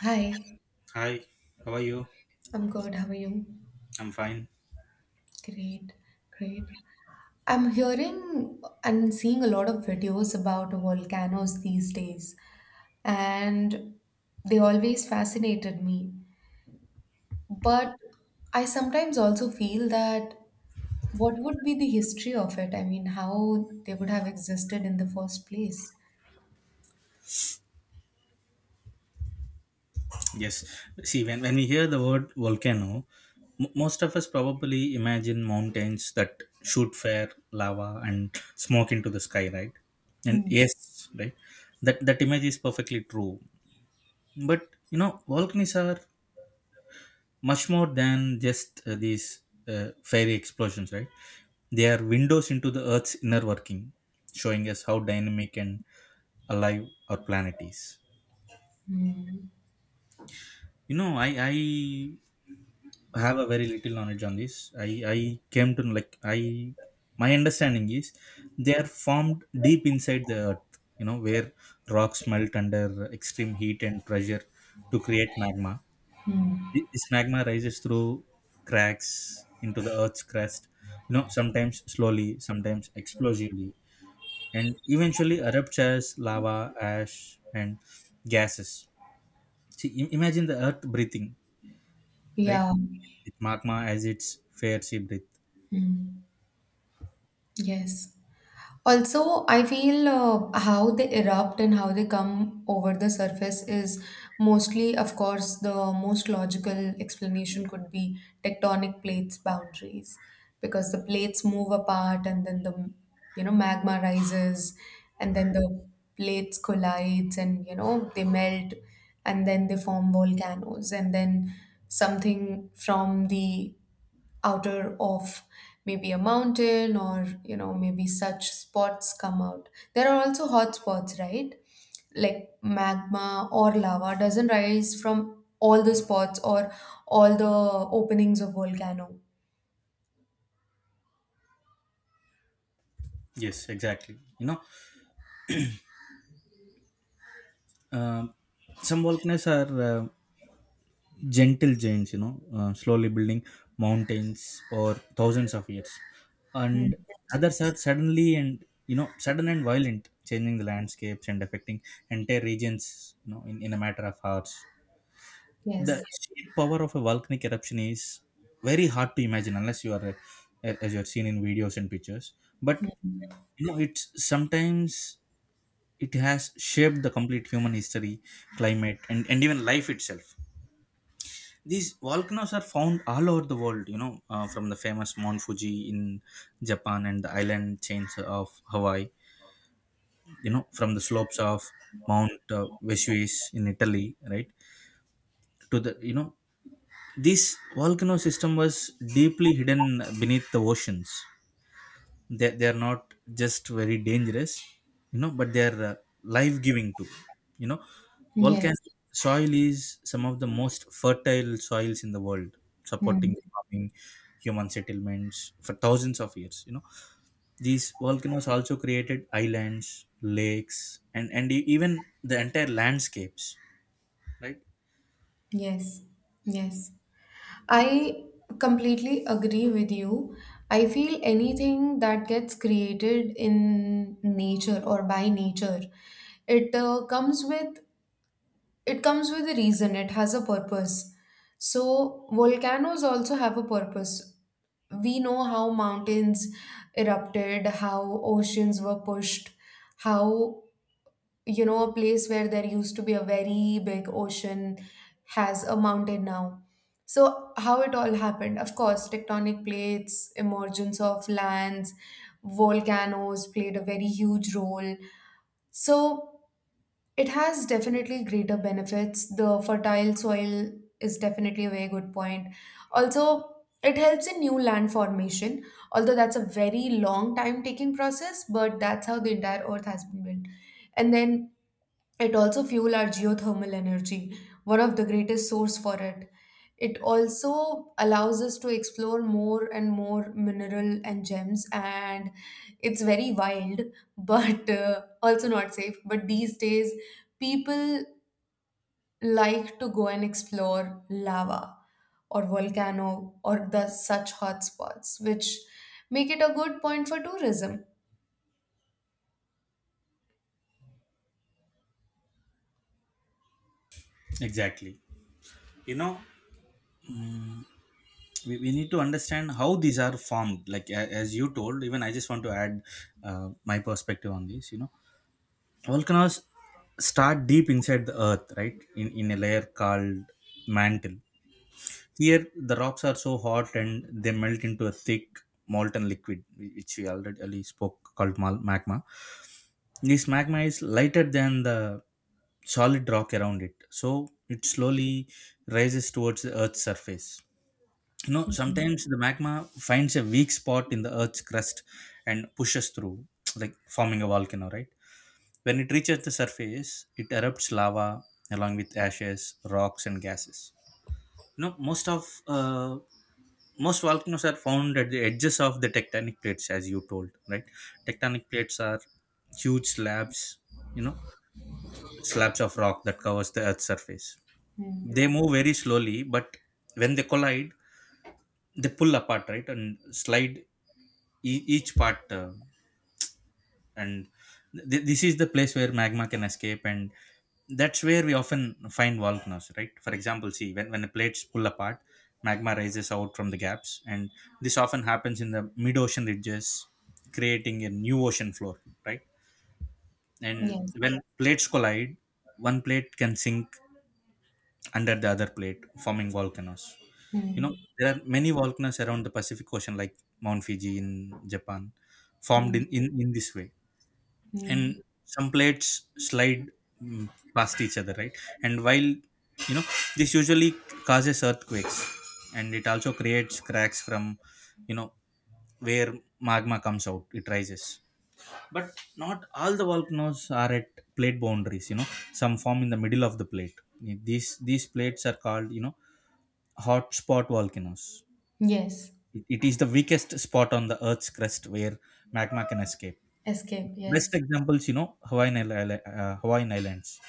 Hi, Hi, how are you? I'm good. How are you? I'm fine. Great, great. I'm hearing and seeing a lot of videos about volcanoes these days, and they always fascinated me. But I sometimes also feel that what would be the history of it? I mean, how they would have existed in the first place. Yes. See, when we hear the word volcano, most of us probably imagine mountains that shoot fire, lava, and smoke into the sky, right? And Hmm. yes, right? That image is perfectly true. But, you know, volcanoes are much more than just these fiery explosions, right? They are windows into the Earth's inner working, showing us how dynamic and alive our planet is. You know, I have a very little knowledge on this. I came to know, like I my understanding is they are formed deep inside the earth. You know where rocks melt under extreme heat and pressure to create magma. This magma rises through cracks into the earth's crust. You know sometimes slowly, sometimes explosively, and eventually erupts as lava, ash, and gases. See, imagine the earth breathing, right? Yeah. With magma as its fair sea breath. Hmm. Yes. Also, I feel how they erupt and how they come over the surface is mostly, of course, the most logical explanation could be tectonic plates boundaries, because the plates move apart and then the magma rises, and then the plates collides and they melt, and then they form volcanoes, and then something from the outer of maybe a mountain, or maybe such spots come out. There are also hot spots, right? Like magma or lava doesn't rise from all the spots or all the openings of volcano. Yes, exactly. You know, um some volcanoes are gentle giants, you know, slowly building mountains or thousands of years. And others are suddenly and, you know, sudden and violent, changing the landscapes and affecting entire regions, you know, in a matter of hours. The Yes, sheer power of a volcanic eruption is very hard to imagine unless you are, a, as you are seen in videos and pictures. But, you know, it's sometimes it has shaped the complete human history, climate, and even life itself. These volcanoes are found all over the world, you know, from the famous Mount Fuji in Japan and the island chains of Hawaii, you know, from the slopes of Mount Vesuvius in Italy, right, to the, you know, this volcano system was deeply hidden beneath the oceans. They are not just very dangerous, you know, but they are life giving too, you know. Volcanic yes. soil is some of the most fertile soils in the world, Hmm. supporting farming human settlements for thousands of years, you know. These volcanoes also created islands, lakes, and even the entire landscapes, right. Yes, yes. I completely agree with you. I feel anything that gets created in nature or by nature, it uh, comes with it comes with a reason. It has a purpose, so volcanoes also have a purpose. We know how mountains erupted, how oceans were pushed, how, a place where there used to be a very big ocean has a mountain now. So how it all happened? Of course, tectonic plates, emergence of lands, volcanoes played a very huge role. So it has definitely greater benefits. The fertile soil is definitely a very good point. Also, it helps in new land formation, although that's a very long time taking process, but that's how the entire earth has been built. And then it also fuel our geothermal energy, one of the greatest source for it. It also allows us to explore more and more mineral and gems, and it's very wild, but also not safe. But these days, people like to go and explore lava or volcano or the such hotspots, which make it a good point for tourism. Exactly, you know, we need to understand how these are formed, like as you told. Even I just want to add my perspective on this, you know. Volcanoes start deep inside the earth, right, in a layer called mantle. Here the rocks are so hot, and they melt into a thick molten liquid, which we already spoke, called magma. This magma is lighter than the solid rock around it, so it slowly rises towards the earth's surface. You know Hmm. sometimes the magma finds a weak spot in the earth's crust and pushes through, like forming a volcano, right. When it reaches the surface, it erupts lava along with ashes, rocks, and gases. You know, most of most volcanoes are found at the edges of the tectonic plates, as you told, right? Tectonic plates are huge slabs, you know, slabs of rock that covers the Earth's surface. Hmm. They move very slowly, but when they collide, they pull apart, right, and slide each part. And this is the place where magma can escape, and that's where we often find volcanoes, right. For example, see, when the plates pull apart, magma rises out from the gaps, and this often happens in the mid-ocean ridges, creating a new ocean floor, right. And Yes. when plates collide, one plate can sink under the other plate, forming volcanoes. You know, Hmm. there are many volcanoes around the Pacific Ocean, like Mount Fuji in Japan, formed Hmm. Hmm. in this way. Hmm. And some plates slide, mm, past each other, right. And while, you know, this usually causes earthquakes, and it also creates cracks from, you know, where magma comes out, it rises. But not all the volcanoes are at plate boundaries, you know. Some form in the middle of the plate. These plates are called, you know, hotspot volcanoes. Yes. It is the weakest spot on the earth's crust where magma can escape. Escape, Best yes. examples, you know, Hawaiian, Hawaiian Islands.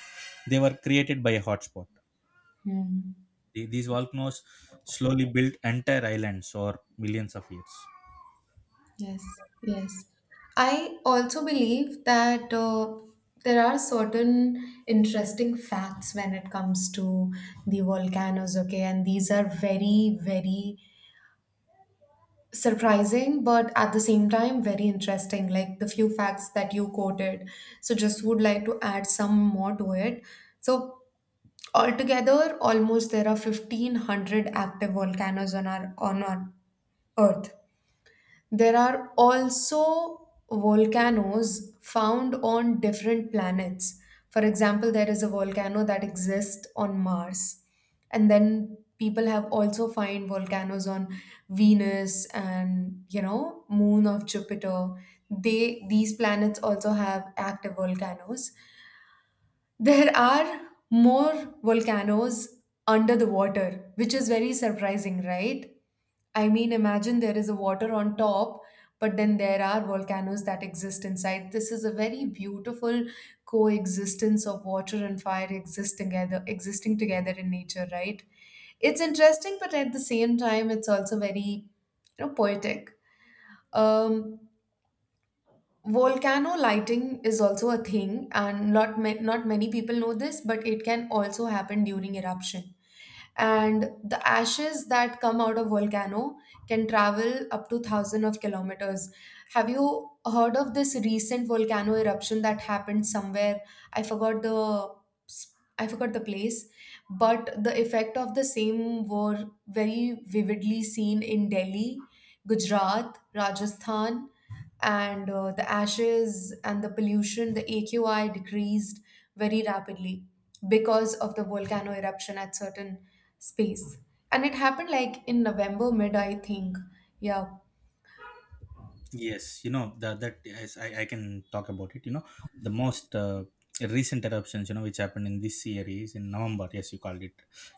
They were created by a hotspot. Hmm. These volcanoes slowly built entire islands or millions of years. Yes, yes. I also believe that there are certain interesting facts when it comes to the volcanoes, okay, and these are very, very surprising, but at the same time, very interesting, like the few facts that you quoted. So, just would like to add some more to it. So, altogether, almost there are 1500 active volcanoes on our Earth. There are also volcanoes found on different planets. For example, there is a volcano that exists on Mars. And then people have also find volcanoes on Venus and, you know, moon of Jupiter. They these planets also have active volcanoes. There are more volcanoes under the water, which is very surprising, right? I mean, imagine there is a water on top, but then there are volcanoes that exist inside. This is a very beautiful coexistence of water and fire, existing together in nature, right? It's interesting, but at the same time, it's also very, poetic. Um, Volcano lighting is also a thing, and not many people know this, but it can also happen during eruption. And the ashes that come out of volcano can travel up to thousands of kilometers. Have you heard of this recent volcano eruption that happened somewhere? I forgot the I forgot the place, but the effect of the same were very vividly seen in Delhi, Gujarat, Rajasthan, and the ashes and the pollution, the AQI decreased very rapidly because of the volcano eruption at certain space. And it happened like in November mid, I think. Yeah, Yes, you know the, that yes, I can talk about it. You know the most recent eruptions, you know, which happened in this year is in November. Yes, you called it.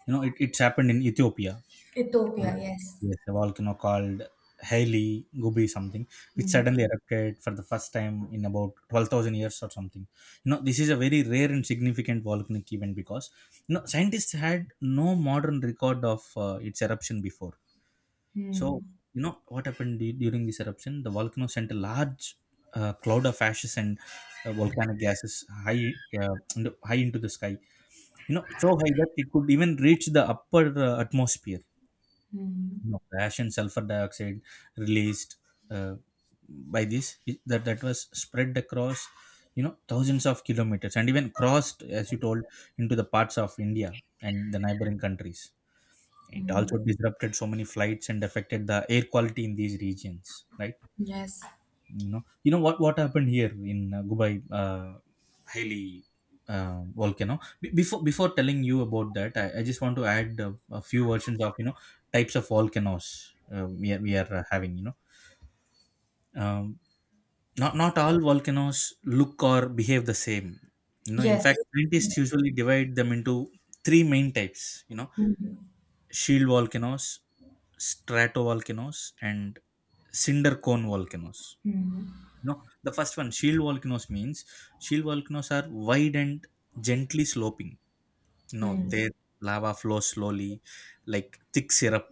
You know, it's happened in Ethiopia. Ethiopia, yes. Yes, a volcano called Hailey Gubi something, which Hmm. suddenly erupted for the first time in about 12,000 years or something. You know, this is a very rare and significant volcanic event because, you know, scientists had no modern record of its eruption before. So, Hmm. you know, what happened during this eruption? The volcano sent a large cloud of ashes and volcanic gases high, high into the sky. You know, so high that it could even reach the upper atmosphere, Hmm. you know. Ash and sulfur dioxide released uh, by this that was spread across, you know, thousands of kilometers and even crossed, as you told, into the parts of India and the neighboring countries. It also disrupted so many flights and affected the air quality in these regions, right. Yes. You know, you know what happened here in Dubai, Hailey, volcano. Before telling you about that, I just want to add a few versions of, you know, types of volcanoes we are having, you know, um, not not all volcanoes look or behave the same, you know. In Yes. fact, scientists usually divide them into three main types, you know: Hmm. shield volcanoes, stratovolcanoes, and cinder cone volcanoes, Hmm. you know. The first one, shield volcanoes, means shield volcanoes are wide and gently sloping, you know. Hmm. Their lava flows slowly, like thick syrup,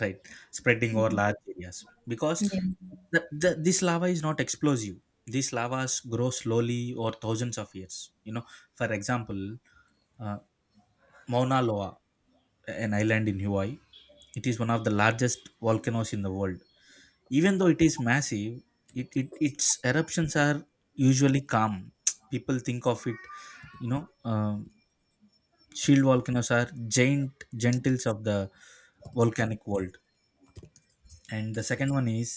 right, spreading over large areas, because Yes. this lava is not explosive. These lavas grow slowly over thousands of years, you know. For example, uh, Mauna Loa, an island in Hawaii, it is one of the largest volcanoes in the world. Even though it is massive, it its eruptions are usually calm. People think of it, you know, shield volcanoes are giant gentles of the volcanic world. And the second one is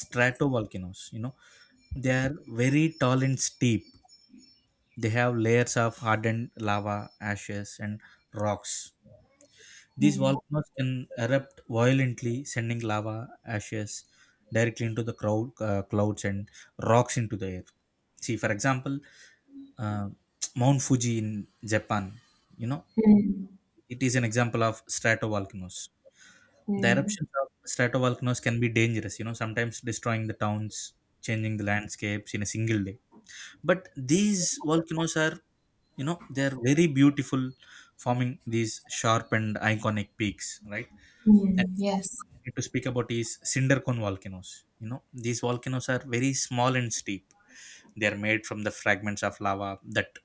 stratovolcanoes, you know. They are very tall and steep. They have layers of hardened lava, ashes, and rocks. These Hmm. volcanoes can erupt violently, sending lava, ashes directly into the crowd, clouds, and rocks into the air. See, for example, uh, Mount Fuji in Japan, you know, Hmm. it is an example of stratovolcanoes. The Hmm. eruptions of stratovolcanoes can be dangerous, you know, sometimes destroying the towns, changing the landscapes in a single day. But these volcanoes are, you know, they're very beautiful, forming these sharp and iconic peaks, right? And Hmm. Yes. need to speak about is Sindarcon volcanoes. You know, these volcanoes are very small and steep. They are made from the fragments of lava that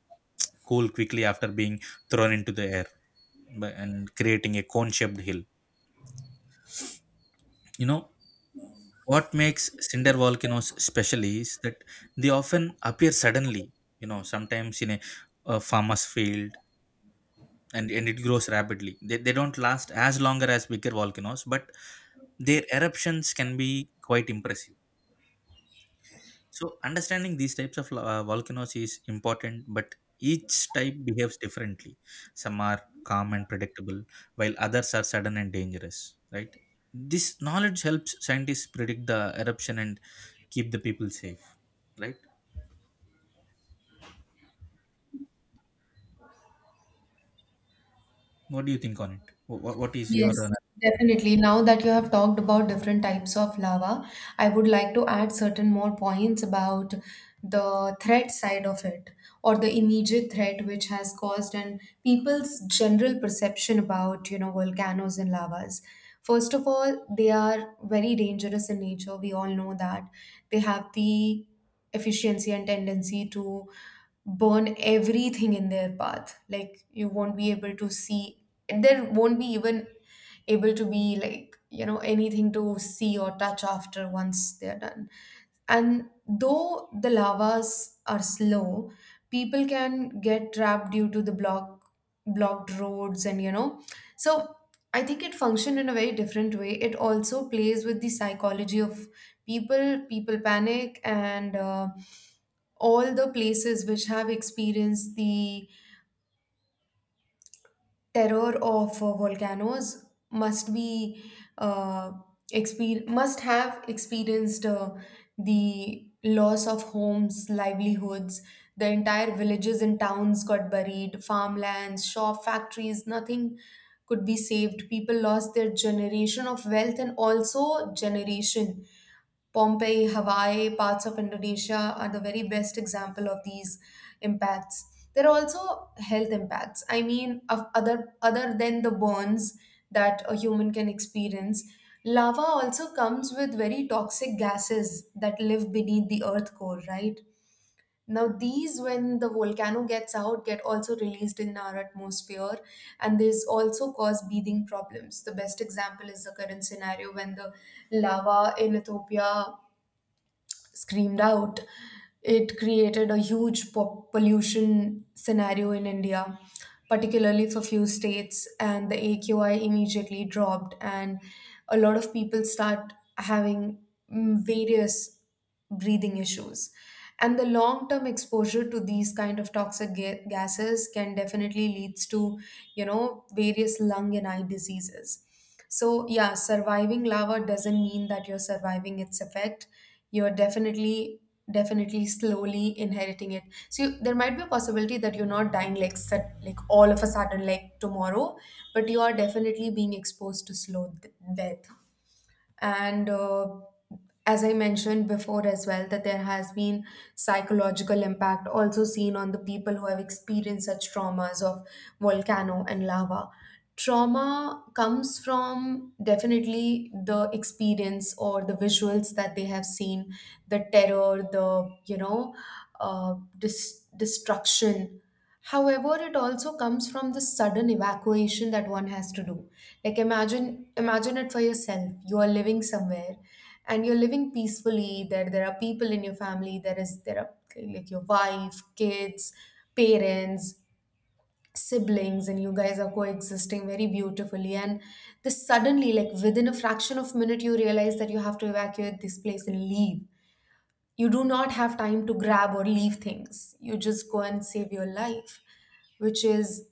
cool quickly after being thrown into the air by- and creating a cone-shaped hill. You know, what makes cinder volcanoes special is that they often appear suddenly. You know, sometimes in a farmer's field, and it grows rapidly. They don't last as longer as bigger volcanoes, but their eruptions can be quite impressive. So understanding these types of volcanoes is important, but each type behaves differently. Some are calm and predictable, while others are sudden and dangerous. Right? This knowledge helps scientists predict the eruption and keep the people safe. Right? What do you think on it? What is your Yes, definitely. Now that you have talked about different types of lava, I would like to add certain more points about the threat side of it, or the immediate threat which has caused and people's general perception about, volcanoes and lavas. First of all, they are very dangerous in nature. We all know that. They have the efficiency and tendency to burn everything in their path. Like, you won't be able to see, there won't be even able to be, like, anything to see or touch after once they're done. And though the lavas are slow, people can get trapped due to the blocked roads, and so I think it functioned in a very different way. It also plays with the psychology of people. People panic, and all the places which have experienced the terror of volcanoes must be uh, must have experienced the loss of homes, livelihoods, the entire villages and towns got buried, farmlands, shop, factories, nothing could be saved. People lost their generation of wealth and also generation. Pompeii, Hawaii, parts of Indonesia are the very best example of these impacts. There are also health impacts. I mean, of other other than the burns that a human can experience, lava also comes with very toxic gases that live beneath the earth core, right? Now, these, when the volcano gets out, get also released in our atmosphere, and this also cause breathing problems. The best example is the current scenario when the lava in Ethiopia screamed out. It created a huge pollution scenario in India, particularly for few states, and the AQI immediately dropped, and a lot of people start having various breathing issues. And the long-term exposure to these kind of toxic gases can definitely leads to, various lung and eye diseases. So, yeah, surviving lava doesn't mean that you're surviving its effect. You're definitely slowly inheriting it. So, there might be a possibility that you're not dying like all of a sudden, like tomorrow, but you are definitely being exposed to slow death. And as I mentioned before as well, that there has been psychological impact also seen on the people who have experienced such traumas of volcano and lava. Trauma comes from definitely the experience or the visuals that they have seen, the terror, the destruction. However, it also comes from the sudden evacuation that one has to do. Like, imagine it for yourself. You are living somewhere and you're living peacefully. There are people in your family, there are, like, your wife, kids, parents, siblings, and you guys are coexisting very beautifully. And this suddenly, like within a fraction of minute, you realize that you have to evacuate this place and leave. You do not have time to grab or leave things. You just go and save your life, which is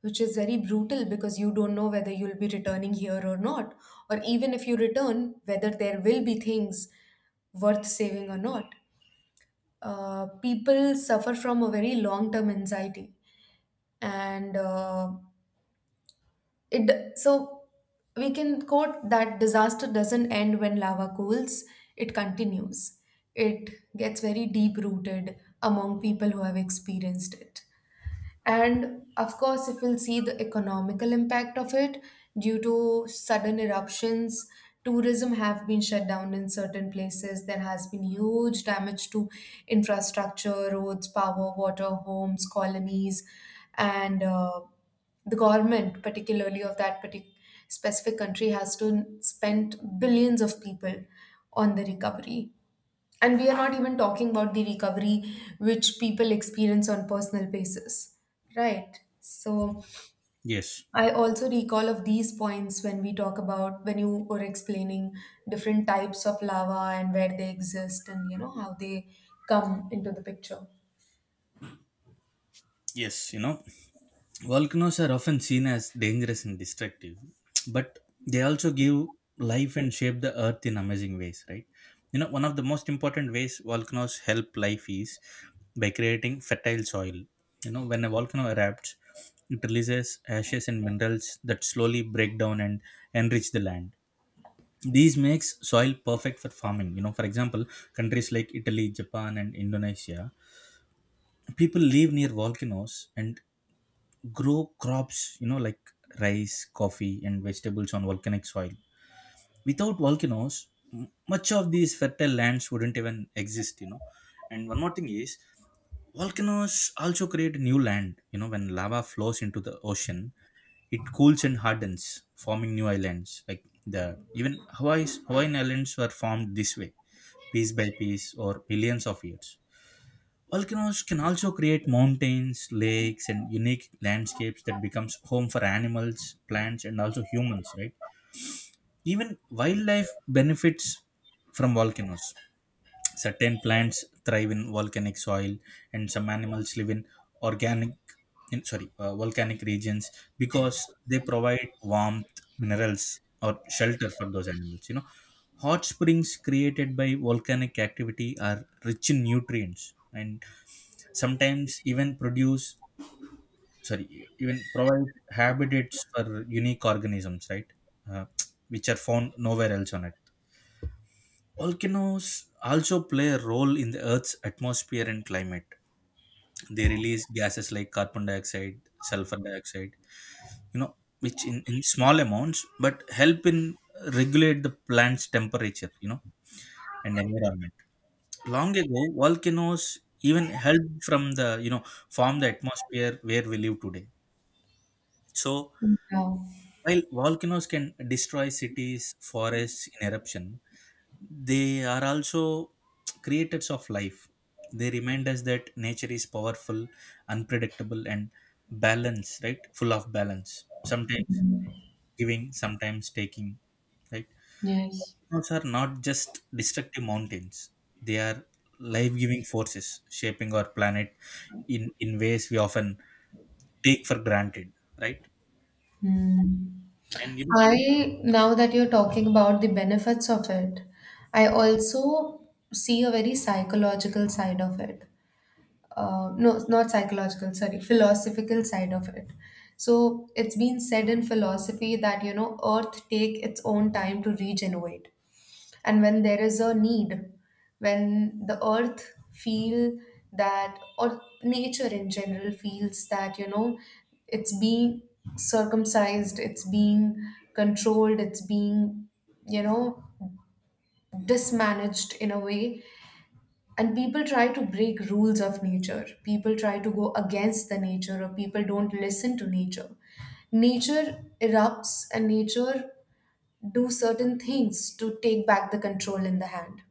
which is very brutal, because you don't know whether you'll be returning here or not, or even if you return, whether there will be things worth saving or not. People suffer from a very long term anxiety. And it so we can quote that disaster doesn't end when lava cools. It continues. It gets very deep rooted among people who have experienced it. And of course, if we'll see the economical impact of it, due to sudden eruptions, tourism have been shut down in certain places. There has been huge damage to infrastructure, roads, power, water, homes, colonies, and the government, particularly of that particular specific country, has to spend billions of people on the recovery. And we are not even talking about the recovery which people experience on personal basis, right? So yes? I also recall of these points when we talk about, when you were explaining different types of lava and where they exist, and how they come into the picture. Yes, you know, volcanoes are often seen as dangerous and destructive, but they also give life and shape the earth in amazing ways, right? You know, one of the most important ways volcanoes help life is by creating fertile soil. You know, when a volcano erupts, it releases ashes and minerals that slowly break down and enrich the land. These makes soil perfect for farming. You know, for example, countries like Italy, Japan, and Indonesia people live near volcanoes and grow crops, you know, like rice, coffee, and vegetables on volcanic soil. Without volcanoes, much of these fertile lands wouldn't even exist, you know. And one more thing is, volcanoes also create new land, you know, when lava flows into the ocean, it cools and hardens, forming new islands. Like the even Hawaii's Hawaiian islands were formed this way, piece by piece, or millions of years. Volcanoes can also create mountains, lakes, and unique landscapes that becomes home for animals, plants, and also humans. Right? Even wildlife benefits from volcanoes. Certain plants thrive in volcanic soil, and some animals live in organic, in, sorry, volcanic regions because they provide warmth, minerals, or shelter for those animals. You know, hot springs created by volcanic activity are rich in nutrients and sometimes even produce, sorry, even provide habitats for unique organisms, right? Uh, which are found nowhere else on it. Volcanoes also play a role in the Earth's atmosphere and climate. They release gases like carbon dioxide, sulfur dioxide, you know, which in small amounts but help in regulate the plant's temperature, you know, and environment. Long ago, volcanoes even helped from form the atmosphere where we live today. So Yeah. while volcanoes can destroy cities, forests in eruption, they are also creators of life. They remind us that nature is powerful, unpredictable, and balanced, right? Full of balance. Sometimes giving, sometimes taking, right? Yes. Volcanoes are not just destructive mountains, they are life giving forces shaping our planet in ways we often take for granted, right? Hmm. And you know, Now that you're talking about the benefits of it, I also see a very psychological side of it. No, not psychological, sorry, philosophical side of it. So it's been said in philosophy that, earth take its own time to regenerate. And when there is a need, when the earth feel that, or nature in general feels that, it's being circumcised, it's being controlled, it's being, you know, dismanaged in a way. And people try to break rules of nature. People try to go against the nature, or people don't listen to nature. Nature erupts, and nature do certain things to take back the control in the hand,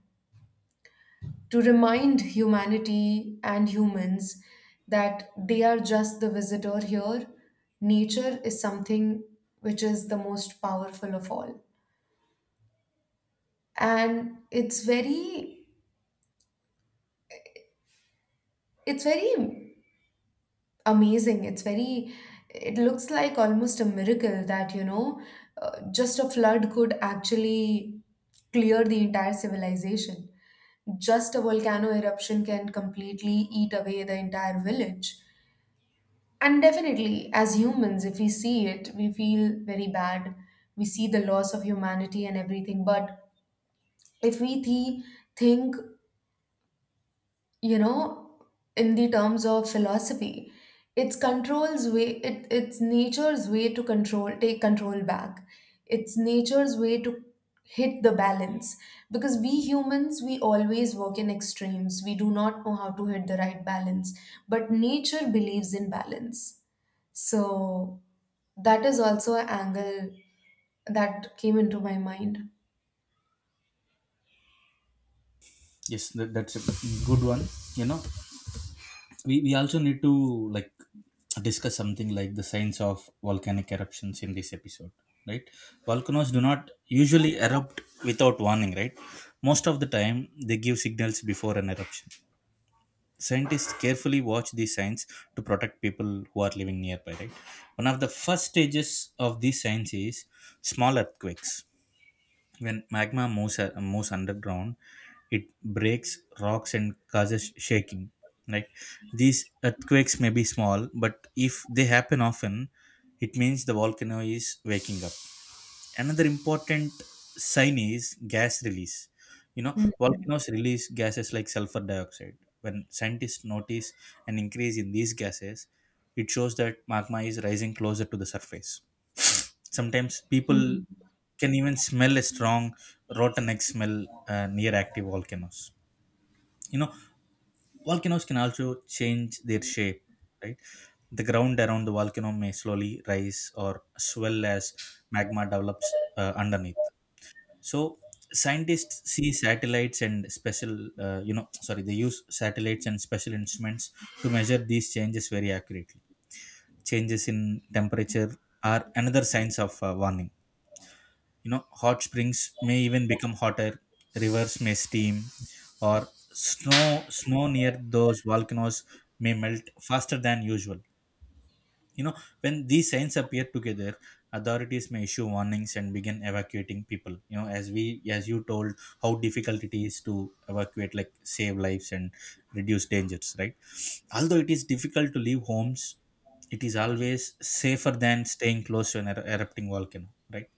to remind humanity and humans that they are just the visitor here. Nature is something which is the most powerful of all. And it's very amazing. It looks like almost a miracle that, just a flood could actually clear the entire civilization. Just a volcano eruption can completely eat away the entire village. And definitely, as humans, if we see it, we feel very bad. We see the loss of humanity and everything. But if we think, you know in the terms of philosophy, it's control's way, it's nature's way to control, take control back. It's nature's way to hit the balance, because we humans, we always work in extremes. We do not know how to hit the right balance, but nature believes in balance. So that is also an angle that came into my mind. yes, that's a good one, you know, we also need to like discuss something like the science of volcanic eruptions in this episode, right? Volcanoes do not usually erupt without warning, right? Most of the time they give signals before an eruption. Scientists carefully watch these signs to protect people who are living nearby, right? One of the first stages of these signs is small earthquakes. When magma moves, moves underground, it breaks rocks and causes shaking. Like these earthquakes may be small, but if they happen often, it means the volcano is waking up. Another important sign is gas release. You know, Hmm. volcanoes release gases like sulfur dioxide. When scientists notice an increase in these gases, it shows that magma is rising closer to the surface. Sometimes people Hmm. can even smell a strong rotten egg smell near active volcanoes. You know, volcanoes can also change their shape, right? The ground around the volcano may slowly rise or swell as magma develops underneath. So scientists see satellites and special, you know, sorry, they use satellites and special instruments to measure these changes very accurately. Changes in temperature are another signs of warning. You know, hot springs may even become hotter, rivers may steam, or snow snow near those volcanoes may melt faster than usual. You know, when these signs appear together, authorities may issue warnings and begin evacuating people, you know, as you told how difficult it is to evacuate, like save lives and reduce dangers, right? Although it is difficult to leave homes, it is always safer than staying close to an erupting volcano, right?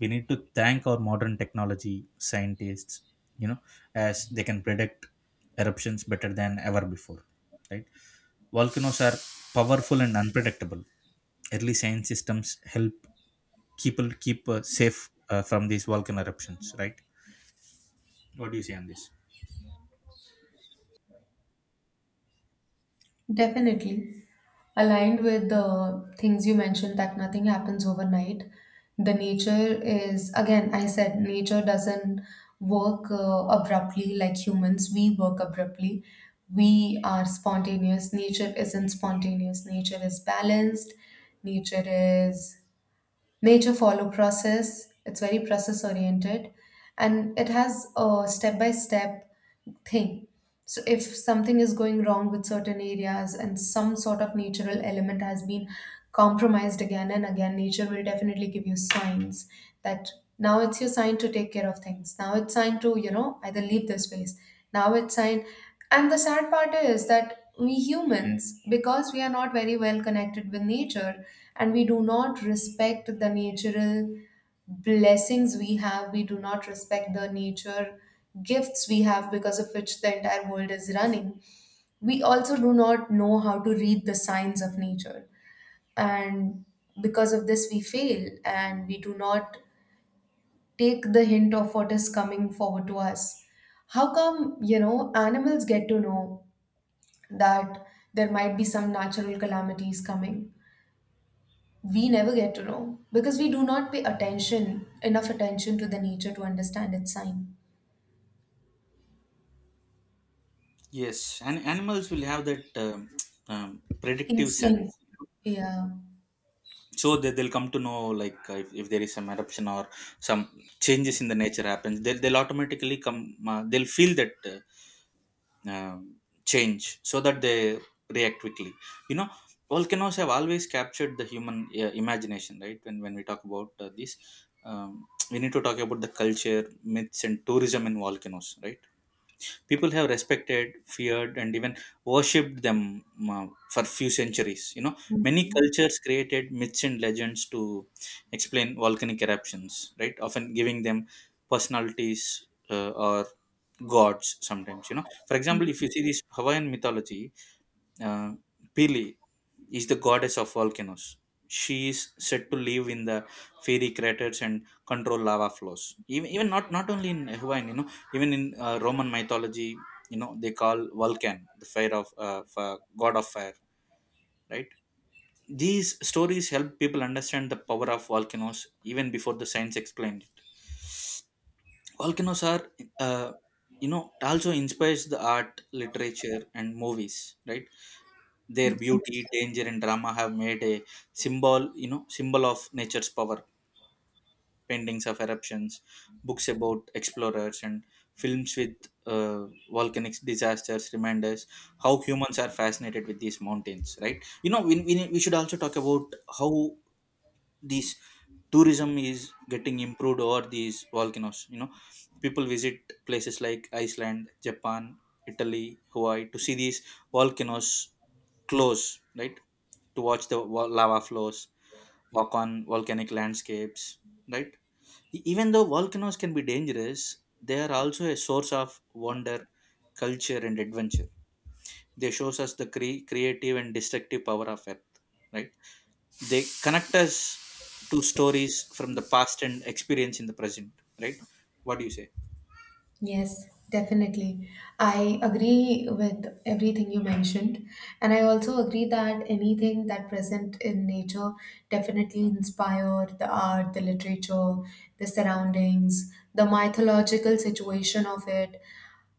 We need to thank our modern technology, scientists, you know, as they can predict eruptions better than ever before, right? Volcanoes are powerful and unpredictable. Early science systems help people keep safe from these volcano eruptions, right? What do you say on this? Definitely. Aligned with the things you mentioned, that nothing happens overnight. The nature is, again, I said, nature doesn't work abruptly like humans. We work abruptly. We are spontaneous. Nature isn't spontaneous. Nature is balanced. Nature is Nature follow process. It's very process oriented, and it has a step by step thing. So if something is going wrong with certain areas and some sort of natural element has been compromised again and again, nature will definitely give you signs that now it's your sign to take care of things. Now it's sign to, either leave this place. Now it's sign. And the sad part is that we humans, because we are not very well connected with nature and we do not respect the natural blessings we have, we do not respect the nature gifts we have, because of which the entire world is running. We also do not know how to read the signs of nature. And because of this, we fail and we do not take the hint of what is coming forward to us. How come, animals get to know that there might be some natural calamities coming? We never get to know, because we do not pay attention, enough attention to the nature to understand its sign. Yes, and animals will have that um, predictive Instinct. sense. Yeah. So that they'll come to know, like if there is some eruption or some changes in the nature happens, they'll automatically come. They'll feel that um, change so that they react quickly, you know. Volcanoes have always captured the human imagination, right? When we talk about this, we need to talk about the culture myths and tourism in volcanoes, right? People have respected, feared, and even worshipped them uh, for few centuries, you know. Many Mhm. cultures created myths and legends to explain volcanic eruptions, right, often giving them personalities or gods sometimes, you know. For example, if you see this Hawaiian mythology, uh, Pili is the goddess of volcanoes. She is said to live in the fiery craters and control lava flows. Even, even not only in Hawaiian, you know, even in Roman mythology, you know, they call Vulcan the fire of god of fire, right? These stories help people understand the power of volcanoes even before the science explained it. Volcanoes are, uh, you know, also inspires the art, literature, and movies, right? Their Mhm. beauty, danger, and drama have made a symbol, you know, symbol of nature's power. Paintings of eruptions, books about explorers, and films with uh, volcanic disasters remind us how humans are fascinated with these mountains, right? You know, we should also talk about how these tourism is getting improved over these volcanoes. You know, people visit places like Iceland, Japan, Italy, Hawaii to see these volcanoes close, right? To watch the lava flows, walk on volcanic landscapes, right? Even though volcanoes can be dangerous, they are also a source of wonder, culture, and adventure. They shows us the creative and destructive power of Earth, right? They connect us to stories from the past and experience in the present, right? What do you say? Yes, definitely. I agree with everything you mentioned. And I also agree that anything that present in nature definitely inspire the art, the literature, the surroundings, the mythological situation of it.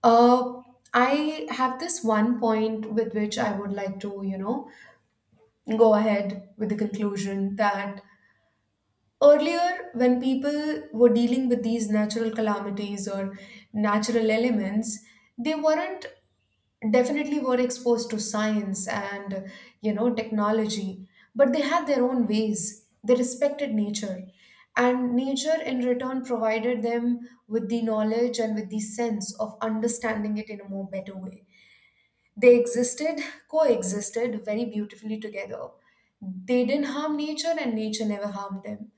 Uh, I have this one point with which I would like to, go ahead with the conclusion that earlier, when people were dealing with these natural calamities or natural elements, they weren't definitely were exposed to science and technology, but they had their own ways. They respected nature, and nature in return provided them with the knowledge and with the sense of understanding it in a more better way. they existed, Coexisted very beautifully together. They didn't harm nature, and nature never harmed them.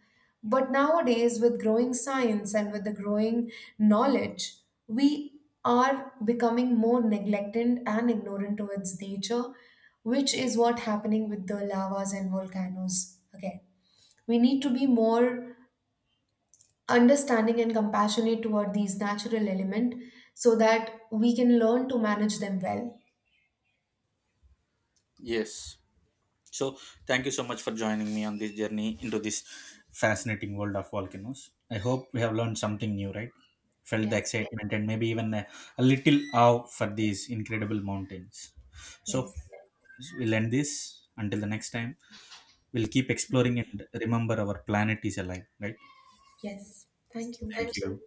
But nowadays, with growing science and with the growing knowledge, we are becoming more neglectant and ignorant towards nature, which is what happening with the lavas and volcanoes again. We need to be more understanding and compassionate toward these natural element so that we can learn to manage them well. Yes. So, thank you so much for joining me on this journey into this fascinating world of volcanoes. I hope we have learned something new, right? Felt the, yeah, Yes, excitement and maybe even a little awe for these incredible mountains. So, yes. we'll end this until the next time. We'll keep exploring and remember our planet is alive, right? Yes. Thank you. Thank you.